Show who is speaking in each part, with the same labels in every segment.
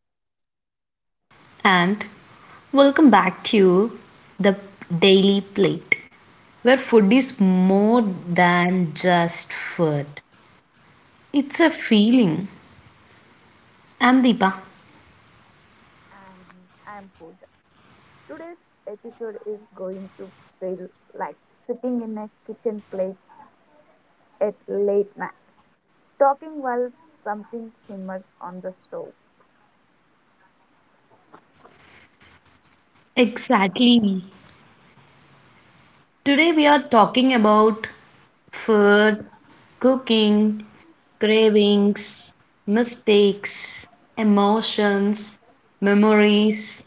Speaker 1: Hello, everyone, and welcome back to the Daily Plate, where food is more than just food. It's a feeling. I'm Deepa.
Speaker 2: And I'm Pooja. Today's episode is going to feel like sitting in a kitchen plate at late night, talking while something simmers on the stove.
Speaker 1: Exactly. Today, we are talking about food, cooking, cravings, mistakes, emotions, memories,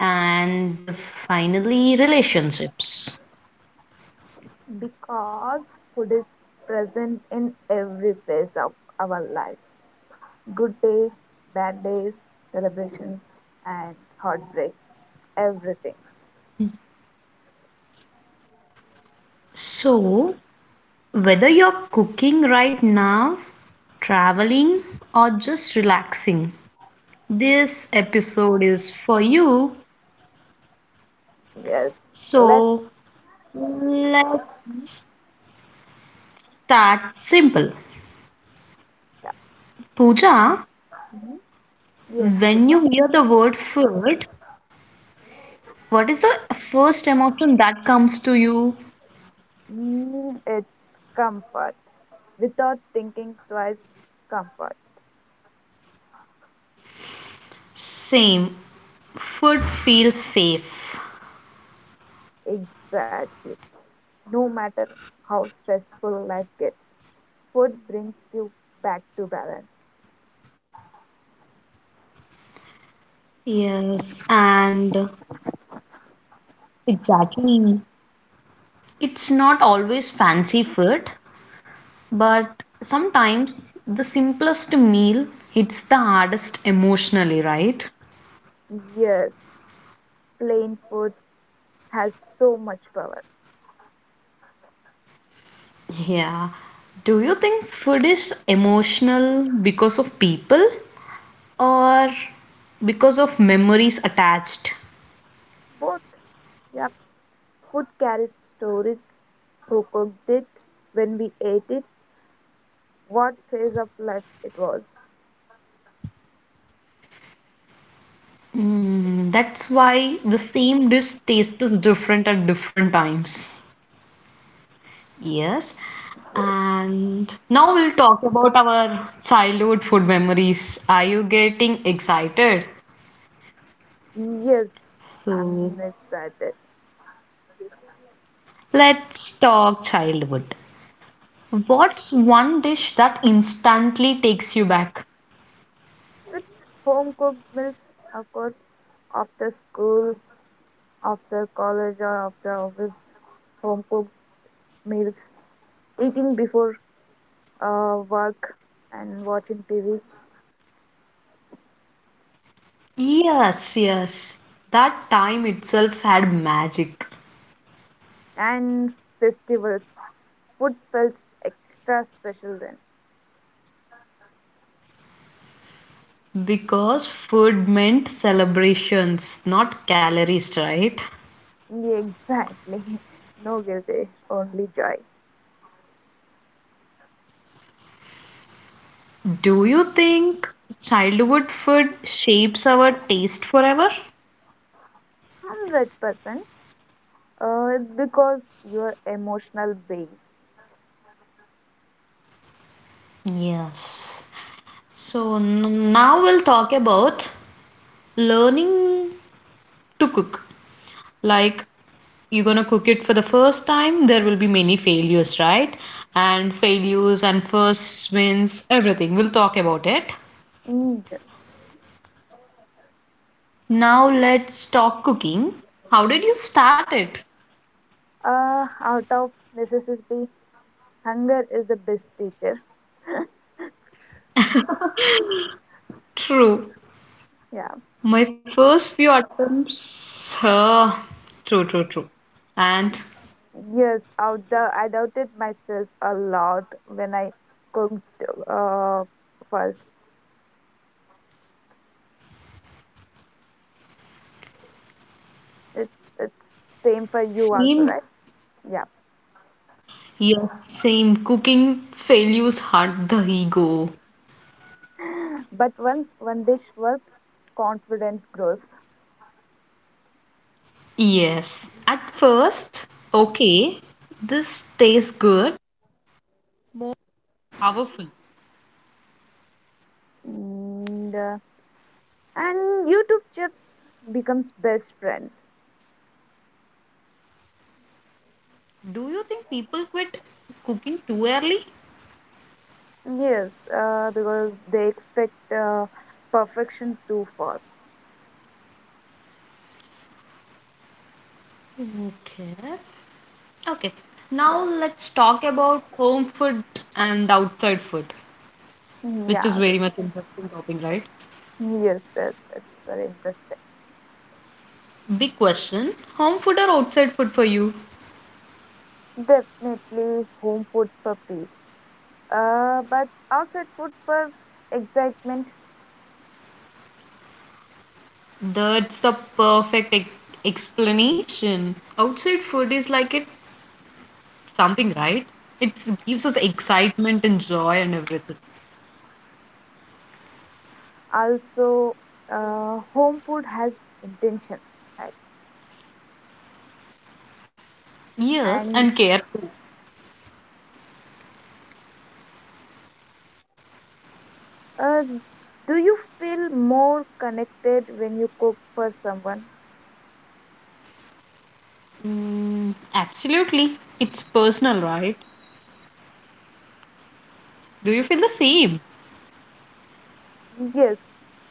Speaker 1: and finally, relationships.
Speaker 2: Because food is present in every phase of our lives good days, bad days, celebrations, and heartbreaks, everything.
Speaker 1: So, whether you're cooking right now, traveling, or just relaxing, this episode is for you.
Speaker 2: Yes,
Speaker 1: So
Speaker 2: let's.
Speaker 1: let's
Speaker 2: Mhm.
Speaker 1: start simple.
Speaker 2: Yeah.
Speaker 1: Pooja,
Speaker 2: Mhm. Yes,
Speaker 1: when
Speaker 2: Deep.
Speaker 1: you hear the word food, what is the first emotion that comes to you?
Speaker 2: It's comfort. Without thinking twice, comfort.
Speaker 1: Same. Food feels safe.
Speaker 2: Exactly. No matter how stressful life gets, food brings you back to balance.
Speaker 1: Yes, and exactly. It's not always fancy food. But sometimes the simplest meal hits the hardest emotionally, right?
Speaker 2: Yes, plain food has so much power.
Speaker 1: Yeah. Do you think food is emotional because of people or because of memories attached?
Speaker 2: Both. Yep. Food carries stories. Who cooked it? When we ate it? What phase of life it was?
Speaker 1: Mm, that's why the same dish tastes different at different times. Yes.
Speaker 2: Yes.
Speaker 1: And now we'll talk about our childhood food memories. Are you getting excited?
Speaker 2: Yes. I'm
Speaker 1: So,
Speaker 2: excited.
Speaker 1: let's talk childhood. What's one dish that instantly takes you back?
Speaker 2: It's home cooked meals, of course, after school, after college, or after office. Home cooked meals, eating before work, and watching TV,
Speaker 1: Yes, yes. That time itself had magic.
Speaker 2: and festivals. Food feels extra special then.
Speaker 1: Because food meant celebrations, not calories, right?
Speaker 2: Yeah, exactly. No guilty, only joy.
Speaker 1: Do you think childhood food shapes our taste forever?
Speaker 2: 100%. Percent. Because your emotional base.
Speaker 1: Yes. So now we'll talk about learning to cook. Like you're going to cook it for the first time, there will be many failures, right? And failures and first wins, everything. We'll talk about it.
Speaker 2: Yes.
Speaker 1: Now let's talk cooking. How did you start it?
Speaker 2: Out of necessity, hunger is the best teacher.
Speaker 1: True.
Speaker 2: Yeah.
Speaker 1: My first few attempts. True, true, true. And
Speaker 2: Yes, out the, I doubted myself a lot when I cooked uh, first. It's same for you also, right? Yeah. But once one dish works, confidence grows. And, uh, and YouTube chefs becomes best friends.
Speaker 1: do you think people quit cooking too early?
Speaker 2: Yes, because they expect perfection too fast.
Speaker 1: Okay. Okay, now
Speaker 2: Yeah.
Speaker 1: let's talk about home food and outside food,
Speaker 2: Mhm,
Speaker 1: which is
Speaker 2: yeah.
Speaker 1: very much interesting topic, right?
Speaker 2: Yes, it's very interesting.
Speaker 1: Big question, home food or outside food for you?
Speaker 2: Definitely home food for peace, but outside food for excitement.
Speaker 1: That's the perfect explanation. Outside food is like it something, right? It gives us excitement and joy and everything.
Speaker 2: Also, home food has intention, right?
Speaker 1: Yes,
Speaker 2: And
Speaker 1: and care too.
Speaker 2: uh, do you feel more connected when you cook for someone?
Speaker 1: Mm, absolutely. It's personal, right? Do you feel the same?
Speaker 2: Yes,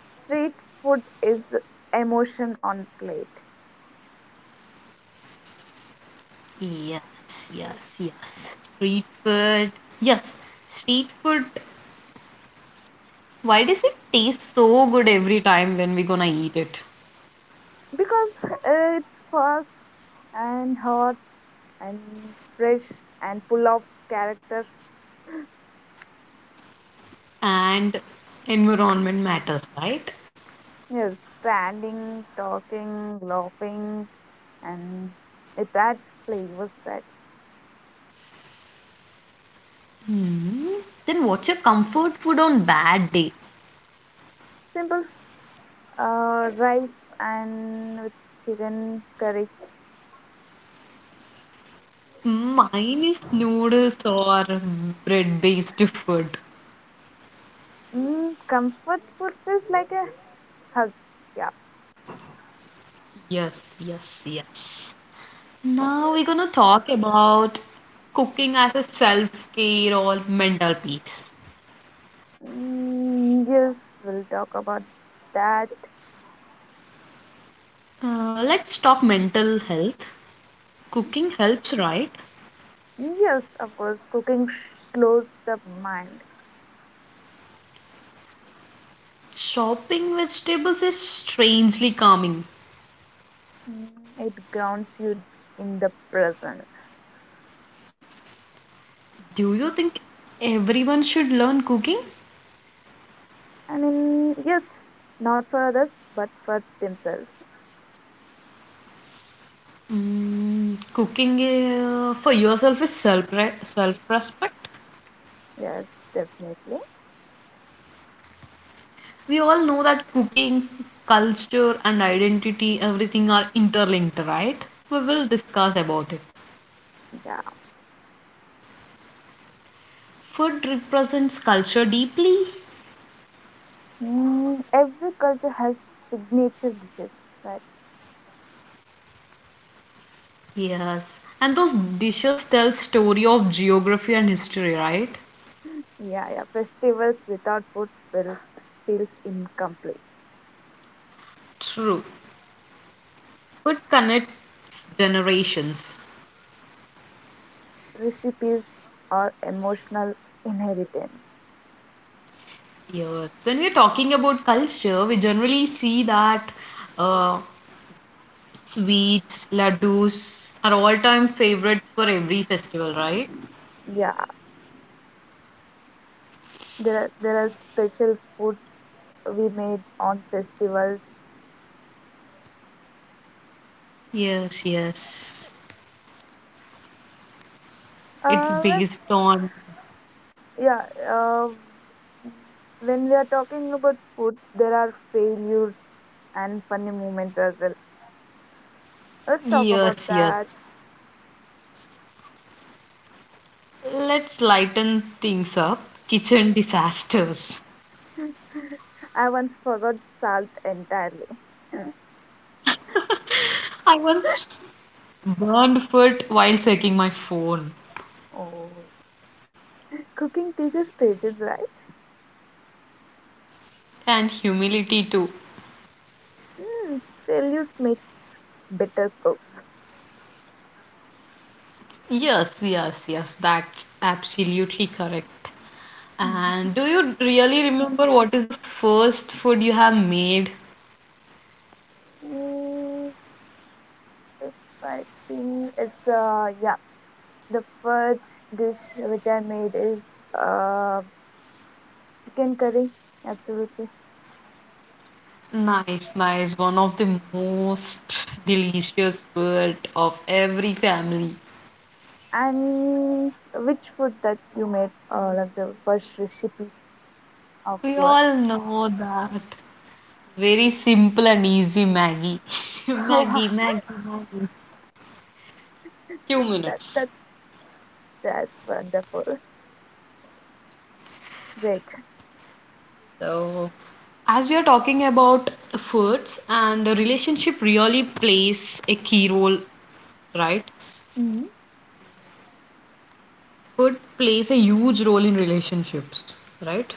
Speaker 2: street food is emotion on plate
Speaker 1: Yes, yes, yes. Street food. Yes, street food. Why does it taste so good every time when we're gonna eat it?
Speaker 2: because it's fast and hot and fresh and full of character.
Speaker 1: And environment matters, right?
Speaker 2: Yes, standing, talking, laughing, and it adds flavors, right?
Speaker 1: Hmm. Then what's your comfort food on bad day?
Speaker 2: Simple rice and with chicken curry.
Speaker 1: Mine is noodles or bread based food.
Speaker 2: Comfort food feels like a hug. Yeah.
Speaker 1: Yes, yes, yes. Now we're gonna talk about cooking as a self care or mental peace.
Speaker 2: Yes, we'll talk about that.
Speaker 1: Let's talk mental health. Cooking helps, right?
Speaker 2: Yes, of course, cooking slows the mind.
Speaker 1: Chopping vegetables is strangely calming.
Speaker 2: It grounds you in the present.
Speaker 1: Do you think everyone should learn cooking?
Speaker 2: Yes, not for others, but for themselves.
Speaker 1: Mm, cooking for yourself is self respect.
Speaker 2: Yes, definitely.
Speaker 1: We all know that cooking, culture, and identity, everything are interlinked, right? We will discuss about it.
Speaker 2: Yeah.
Speaker 1: Food represents culture deeply.
Speaker 2: Every culture has signature dishes, but
Speaker 1: Yes. And those dishes tell story of geography and history, right?
Speaker 2: yeah, yeah. Festivals without food feels incomplete.
Speaker 1: True. Food connects generations.
Speaker 2: Recipes are emotional inheritance.
Speaker 1: Yes. When we're talking about culture, we generally see that uh, sweets, laddus are all-time favorite for every festival, right?
Speaker 2: Yeah, there are special foods we made on festivals.
Speaker 1: Yes, yes. It's
Speaker 2: Uh, let-
Speaker 1: based on.
Speaker 2: yeah. Uh, when we are talking about food, there are failures and funny moments as well. Let's talk about
Speaker 1: Yes, yes.
Speaker 2: that.
Speaker 1: Let's lighten things up. Kitchen disasters.
Speaker 2: I once forgot salt entirely.
Speaker 1: I once burned foot while checking my phone.
Speaker 2: Oh, cooking teaches patience, right?
Speaker 1: And humility too.
Speaker 2: Mm, failures make better cooks.
Speaker 1: Yes, yes, yes, that's absolutely correct.
Speaker 2: Mhm.
Speaker 1: And do you really remember what is the first food you have made?
Speaker 2: Mm, if I think it's yeah, the first dish which I made is uh chicken curry, absolutely.
Speaker 1: Nice, nice. One of the most delicious food of every family.
Speaker 2: And which food that you made, like the first recipe of
Speaker 1: We
Speaker 2: your?
Speaker 1: all know that. Very simple and easy Maggie. Maggie, Maggie,
Speaker 2: Wow,
Speaker 1: Maggie. Two
Speaker 2: that
Speaker 1: minutes.
Speaker 2: that that's wonderful. Great.
Speaker 1: So, as we are talking about foods, and the relationship really plays a key role, right?
Speaker 2: Mm-hmm.
Speaker 1: Food plays a huge role in relationships, right?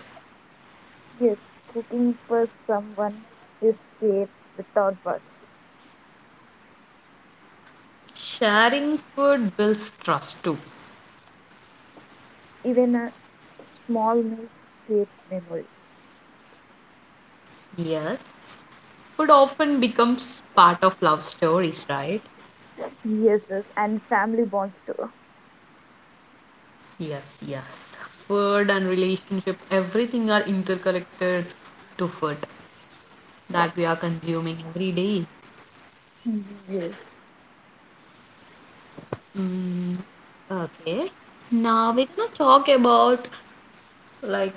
Speaker 2: Yes, cooking for someone is there without words.
Speaker 1: Sharing food builds trust too.
Speaker 2: Even a small meals create memories.
Speaker 1: Yes. Food often becomes part of love stories, right?
Speaker 2: Yes, yes, and family bonds too.
Speaker 1: Yes, yes. Food and relationship, everything are interconnected to food
Speaker 2: Yeah.
Speaker 1: that we are consuming every day.
Speaker 2: Yes.
Speaker 1: Mm, okay. Now we're gonna talk about like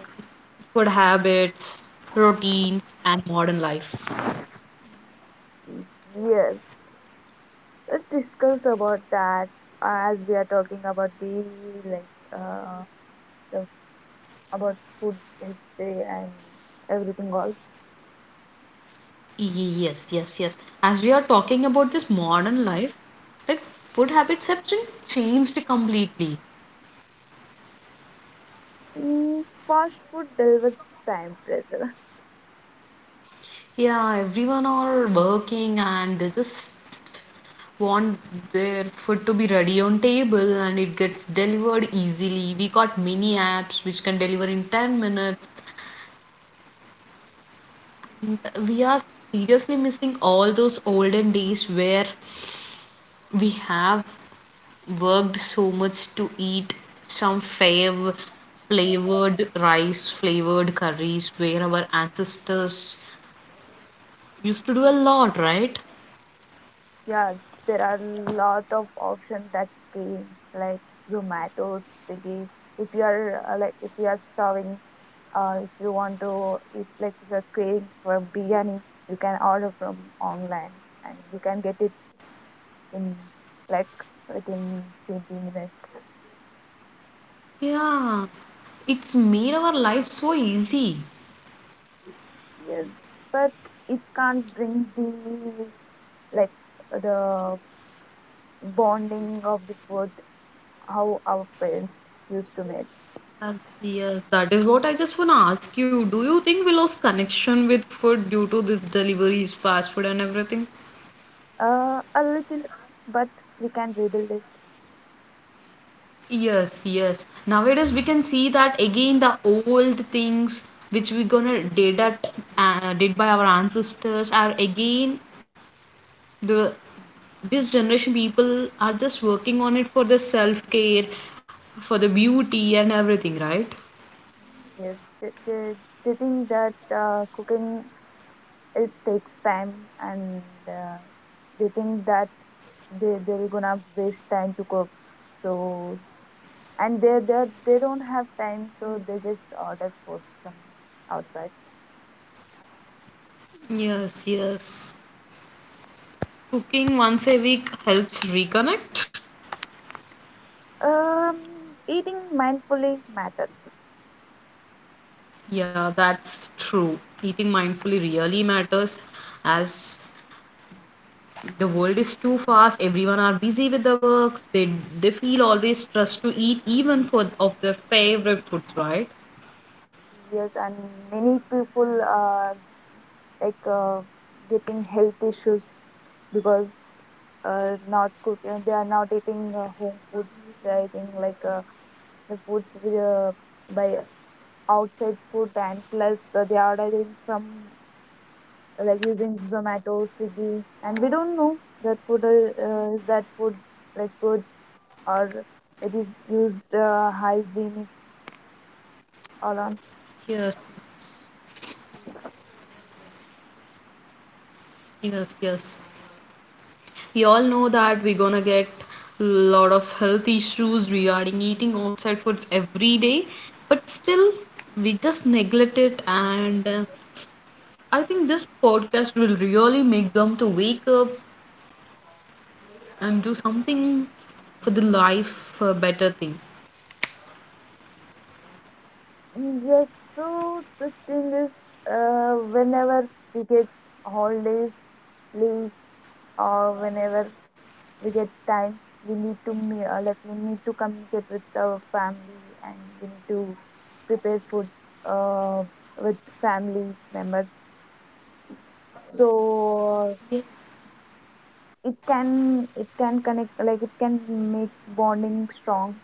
Speaker 1: food habits, routines, and modern life.
Speaker 2: Yes. Let's discuss about that as we are talking about like uh, the, about food history and everything all.
Speaker 1: Yes, yes, yes. As we are talking about this modern life, like food habits have been changed completely.
Speaker 2: Fast food delivers time pressure.
Speaker 1: Yeah, everyone are working and they just want their food to be ready on table and it gets delivered easily. We got mini apps which can deliver in 10 minutes. Mm, we are seriously missing all those olden days where we have worked so much to eat some fav flavored rice, flavored curries, where our ancestors used to do a lot, right?
Speaker 2: Yeah, there are lot of options that came like Zomato, Swiggy. If you are like if you are starving, if you want to eat like if you're craving for biryani, you can order from online and you can get it in like within 20 minutes.
Speaker 1: Yeah, it's made our life so easy.
Speaker 2: Yes, but it can't bring the like the bonding of the food how our parents used to make.
Speaker 1: Yes, yes, that is what I just want to ask you. Do you think we lost connection with food due to this deliveries, fast food, and everything?
Speaker 2: A little, but we can rebuild it.
Speaker 1: Yes, yes. Nowadays we can see that again the old things which we gonna did at did by our ancestors are again the this generation people are just working on it for the self care, for the beauty and everything, right?
Speaker 2: Yes, they think that cooking is takes time, and uh, they think that they're gonna waste time to cook. So and they don't have time, so they just order food from outside.
Speaker 1: Yes, yes. Cooking once a week helps reconnect.
Speaker 2: Um, eating mindfully matters.
Speaker 1: Yeah, that's true. Eating mindfully really matters as the world is too fast. Everyone are busy with their works. They feel always stressed to eat even for of their favorite foods, right?
Speaker 2: Yes, and many people like uh, getting health issues because not cook they are not eating home foods. They are eating the foods with, by outside food and plus they are ordering from like using zomato swiggy and we don't know that food is that food like good or it is used hygienic or not.
Speaker 1: Yes, yes, yes. We all know that we're gonna get a lot of health issues regarding eating outside foods every day, but still we just neglect it, and I think this podcast will really make them to wake up and do something for the life, a better thing.
Speaker 2: Yes, so the thing is, whenever we get holidays, leaves, or whenever we get time, we need to me- like we need to communicate with our family, and we need to prepare food uh, with family members. So it can connect like it can make bonding strong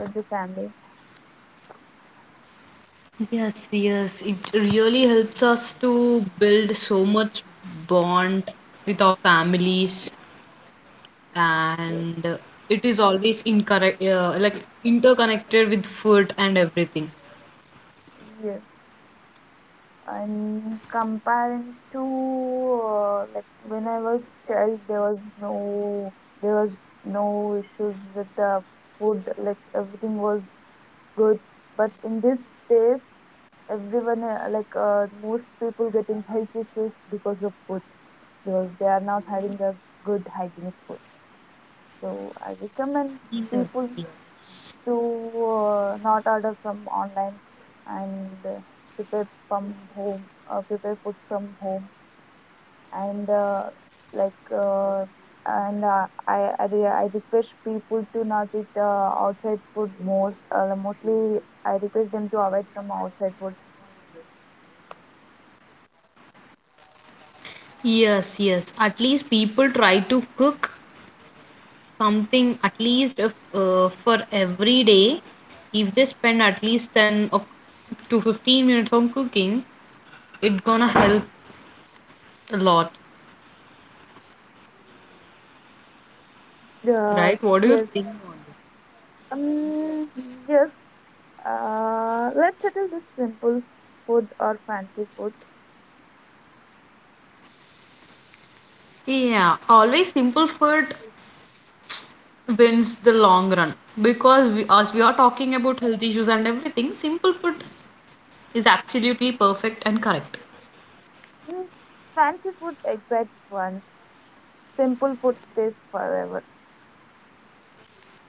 Speaker 2: with the family.
Speaker 1: Yes, yes, it really helps us to build so much bond with our families,
Speaker 2: Yes.
Speaker 1: and it is always incorrect, like interconnected with food and everything.
Speaker 2: Yes. And comparing to like when I was child, there was no issues with the food. Like everything was good, but in these days, everyone like most people getting health issues because of food, because they are not having a good hygienic food. So I recommend
Speaker 1: Yes,
Speaker 2: people
Speaker 1: yes.
Speaker 2: to not order from online and prepare from home prepare food from home and like and I re- I request people to not eat outside food most mostly I request them to avoid from outside food.
Speaker 1: Yes, yes. At least people try to cook something at least if, for every day. If they spend at least 10 or to 15 minutes on cooking, it's gonna help a lot,
Speaker 2: uh,
Speaker 1: right? What do you think
Speaker 2: yes
Speaker 1: on this?
Speaker 2: um yes let's settle this simple food or fancy food.
Speaker 1: Yeah, always simple food wins the long run, because we, as we are talking about health issues and everything, simple food is absolutely perfect and correct.
Speaker 2: Hmm, fancy food excites ones. Simple food stays forever.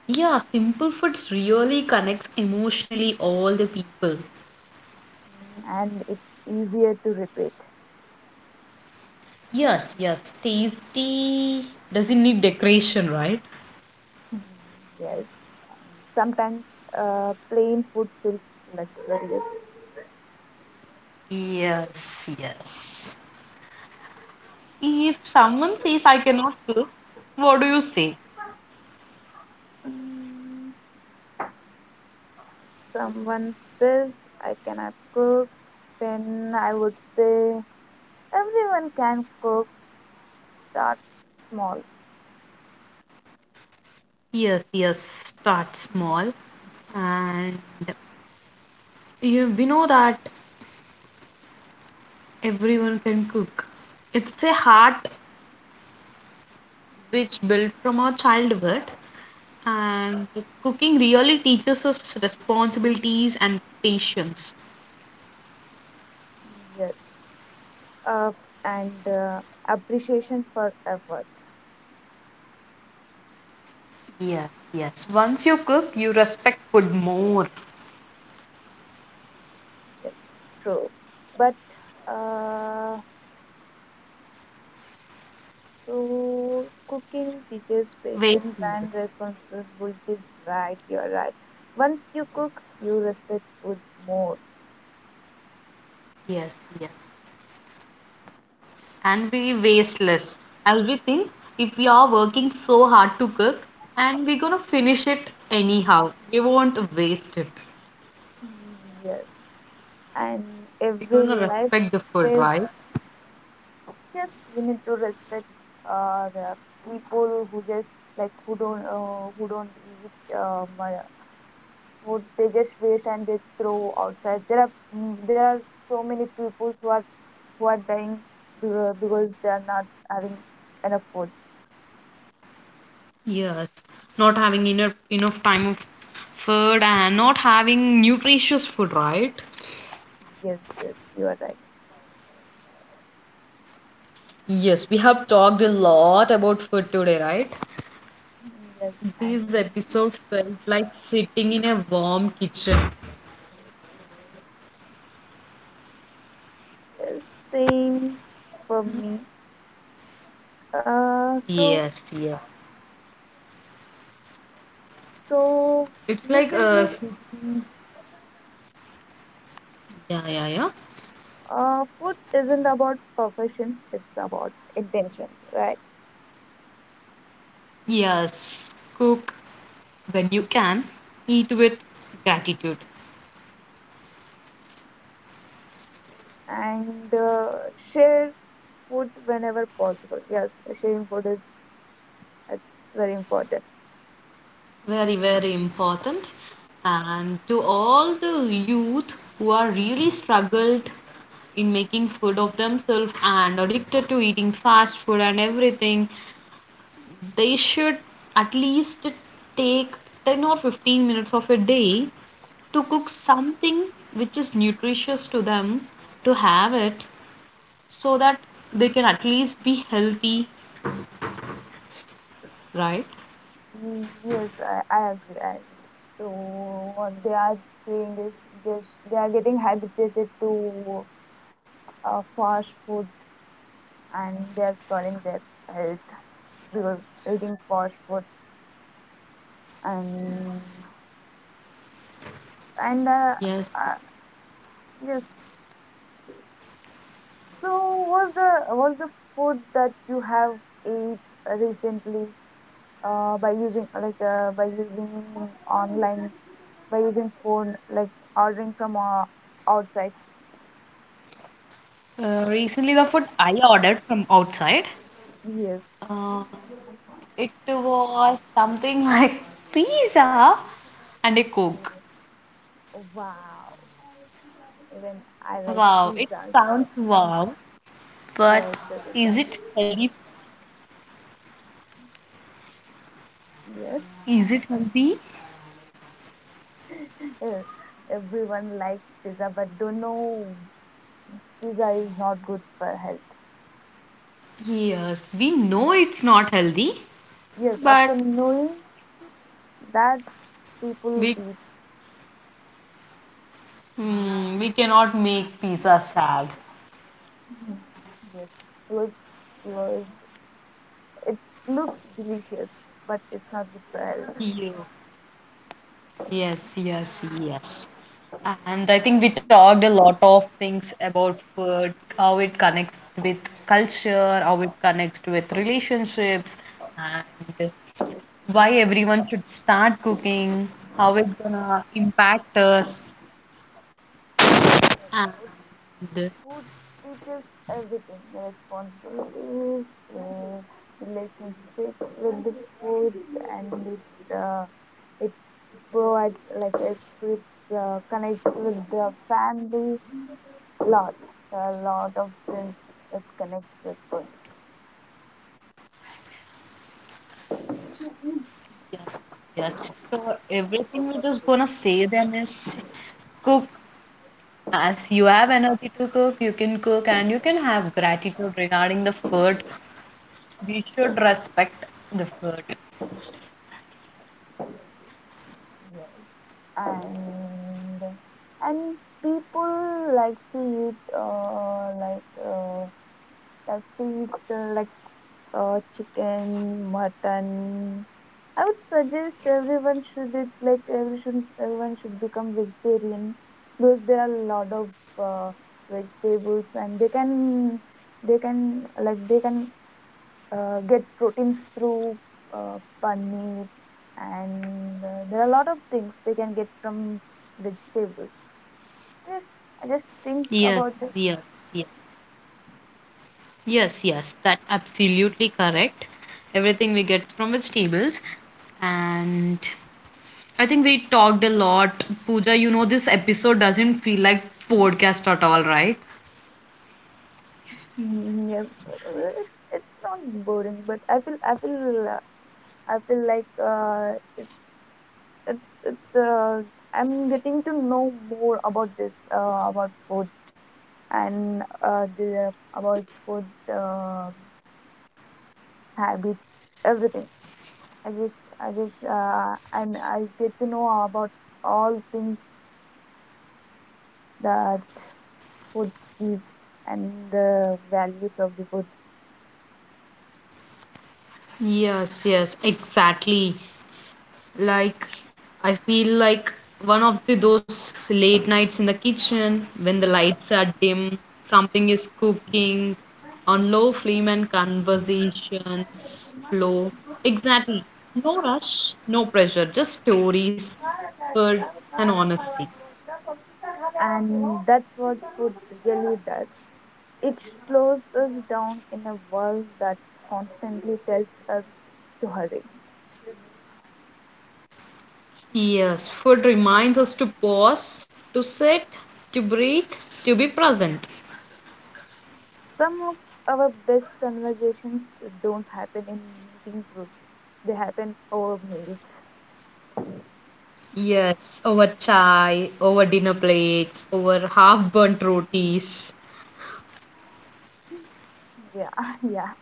Speaker 1: Yeah, simple food really connects emotionally all the people.
Speaker 2: And it's easier to repeat.
Speaker 1: Yes, yes, tasty doesn't need decoration, right?
Speaker 2: Mm, Yes. And sometimes plain food feels luxurious.
Speaker 1: Yes, yes. If someone says I cannot cook, what do you say?
Speaker 2: Mm, Someone says, I cannot cook, then I would say, everyone can cook. Start small.
Speaker 1: Yes, yes, start small. And you, we know that everyone can cook. It's a heart which built from our childhood, and cooking really teaches us responsibilities and patience.
Speaker 2: Yes. Uh, and Appreciation for effort.
Speaker 1: Yes, yes. Once you cook, you respect food more.
Speaker 2: Yes, true. But uh, So, cooking teaches
Speaker 1: Waste
Speaker 2: patience and
Speaker 1: less.
Speaker 2: responsibilities, right? You're right. Once you cook, you respect food more.
Speaker 1: Yes, yes. And we waste less. As we think, if we are working so hard to cook and we're gonna finish it anyhow, we won't waste it.
Speaker 2: Mm, Yes. And
Speaker 1: We're
Speaker 2: every
Speaker 1: gonna
Speaker 2: life
Speaker 1: respect the food, right?
Speaker 2: phase, yes, we need to respect the people who just like who don't eat my food. They just waste and they throw outside. There are so many people who are dying be- because they are not having enough food.
Speaker 1: Yes, not having enough time of food and not having nutritious food, right?
Speaker 2: Yes, yes, you are right.
Speaker 1: Yes, we have talked a lot about food today, right?
Speaker 2: Yes, and
Speaker 1: This episode felt like sitting in a warm kitchen.
Speaker 2: yes, same for me. Uh, so
Speaker 1: Yes, yeah,
Speaker 2: so
Speaker 1: it's like
Speaker 2: Recently,
Speaker 1: sitting, yeah, yeah, yeah.
Speaker 2: food isn't about perfection; it's about intentions, right?
Speaker 1: Yes, cook when you can, eat with gratitude.
Speaker 2: And share food whenever possible. Yes, sharing food is it's very important.
Speaker 1: Very, very important. And to all the youth who are really struggled in making food of themselves and addicted to eating fast food and everything, they should at least take 10 or 15 minutes of a day to cook something which is nutritious to them to have it so that they can at least be healthy, right?
Speaker 2: Yes, I agree. I agree. So what they are doing is just they are getting habituated to fast food and they are spoiling their health because eating fast food and and
Speaker 1: Yes.
Speaker 2: uh, yes. So was the food that you have ate recently by using online by using phone like ordering from outside?
Speaker 1: Recently, the food I ordered from outside.
Speaker 2: Yes.
Speaker 1: Uh, it was something like pizza and a coke.
Speaker 2: Wow. Even I like pizza.
Speaker 1: Wow, it sounds wow,
Speaker 2: Yeah, it's a,
Speaker 1: but
Speaker 2: it sounds
Speaker 1: is it healthy?
Speaker 2: yes.
Speaker 1: Is it healthy?
Speaker 2: Eh, everyone likes pizza, but don't know pizza is not good for health.
Speaker 1: Yes, we know it's not healthy,
Speaker 2: Yes, after
Speaker 1: but
Speaker 2: knowing that, people
Speaker 1: we
Speaker 2: eats.
Speaker 1: we cannot make pizza sad.
Speaker 2: Mhm. Yes, it was, it was, it looks delicious, but it's not good for health.
Speaker 1: Yes. Yes, yes, yes. And I think we talked a lot of things about food, how it connects with culture, how it connects with relationships, and why everyone should start cooking, how it's gonna impact us.
Speaker 2: Yes.
Speaker 1: And
Speaker 2: Food teaches everything responsibilities, uh, relationships with the food, and it, it provides, like, connects with the family lot. A lot of things it connects with food.
Speaker 1: yes, yes. So everything we're just gonna say then is cook as you have energy to cook, you can cook and you can have gratitude regarding the food. We should respect the food.
Speaker 2: Yes. And and people likes to eat uh, like uh, eat chicken, mutton. I would suggest everyone should it like every should, everyone should become vegetarian because there are a lot of uh, vegetables and they can like they can get proteins through paneer and there are a lot of things they can get from vegetables. Yes, I just think
Speaker 1: Yes,
Speaker 2: about that.
Speaker 1: yes, yes, yes, yes. That's absolutely correct. Everything we get from vegetables, and I think we talked a lot. Pooja, you know this episode doesn't feel like podcast at all, right?
Speaker 2: Yeah, it's not boring, but I feel like it's I'm getting to know more about this about food and the about food uh, habits everything. I just and I get to know about all things that food gives and the values of the food.
Speaker 1: Yes, yes, exactly. Like, I feel like one of the those late nights in the kitchen when the lights are dim, something is cooking on low flame and conversations flow. Exactly. No rush, no pressure, just stories, food, and honesty.
Speaker 2: And that's what food really does. It slows us down in a world that constantly tells us to hurry.
Speaker 1: Yes, food reminds us to pause, to sit, to breathe, to be present.
Speaker 2: Some of our best conversations don't happen in meeting groups, they happen over meals.
Speaker 1: Yes, over chai, over dinner plates, over half burnt rotis.
Speaker 2: Yeah, yeah.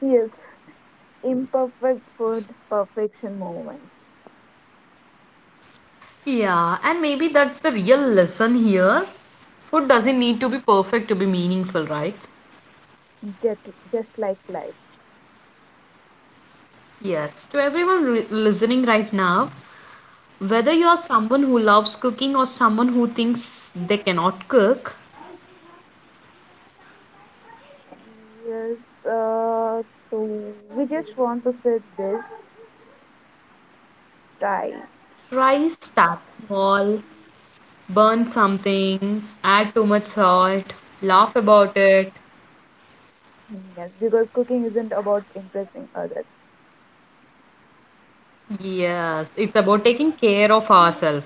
Speaker 2: Yes, imperfect food, perfection moments,
Speaker 1: Yeah, and maybe that's the real lesson here. Food doesn't need to be perfect to be meaningful, right?
Speaker 2: just, just like life.
Speaker 1: Yes, to everyone listening right now, whether you are someone who loves cooking or someone who thinks they cannot cook,
Speaker 2: Yes, so we just want to say this try.
Speaker 1: try start small, burn something, add too much salt, laugh about it.
Speaker 2: Yes, because cooking isn't about impressing others.
Speaker 1: Yes, it's about taking care of ourselves.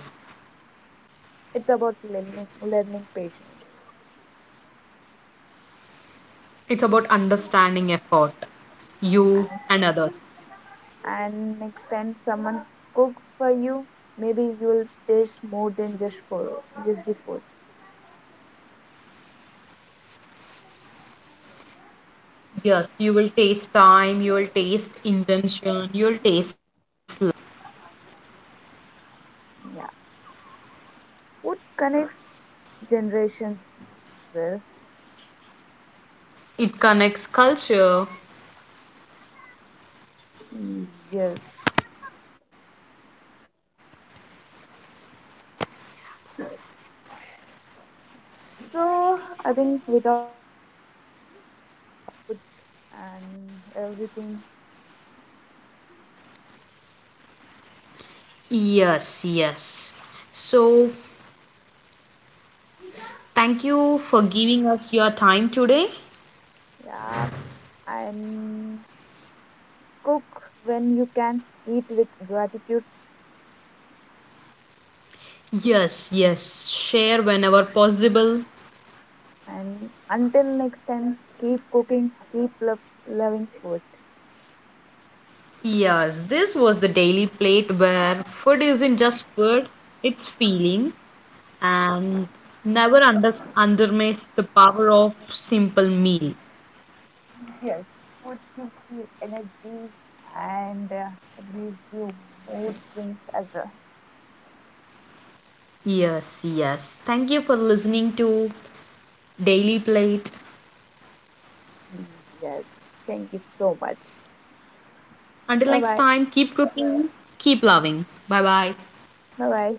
Speaker 2: It's about learning, learning patience.
Speaker 1: It's about understanding effort, you and others.
Speaker 2: And next time someone cooks for you, maybe you'll taste more than just for just the food.
Speaker 1: Yes, you will taste time, you will taste intention, you will taste love.
Speaker 2: Yeah, food connects generations as well.
Speaker 1: It connects culture.
Speaker 2: Mm, Yes. So I think without food and everything,
Speaker 1: Yes, yes. So, thank you for giving us your time today.
Speaker 2: yeah, and cook when you can, eat with gratitude.
Speaker 1: Yes, yes. Share whenever possible.
Speaker 2: And until next time, keep cooking, loving food.
Speaker 1: Yes, this was the Daily Plate, where food isn't just food, it's feeling. And never under underestimates the power of simple meal.
Speaker 2: Yes, food gives you energy. And it gives you mood swings as well.
Speaker 1: Yes, yes. Thank you for listening to Daily Plate.
Speaker 2: Yes. Thank you so much.
Speaker 1: Until
Speaker 2: Bye
Speaker 1: next
Speaker 2: bye.
Speaker 1: time, keep cooking, keep loving. Bye bye.
Speaker 2: Bye bye.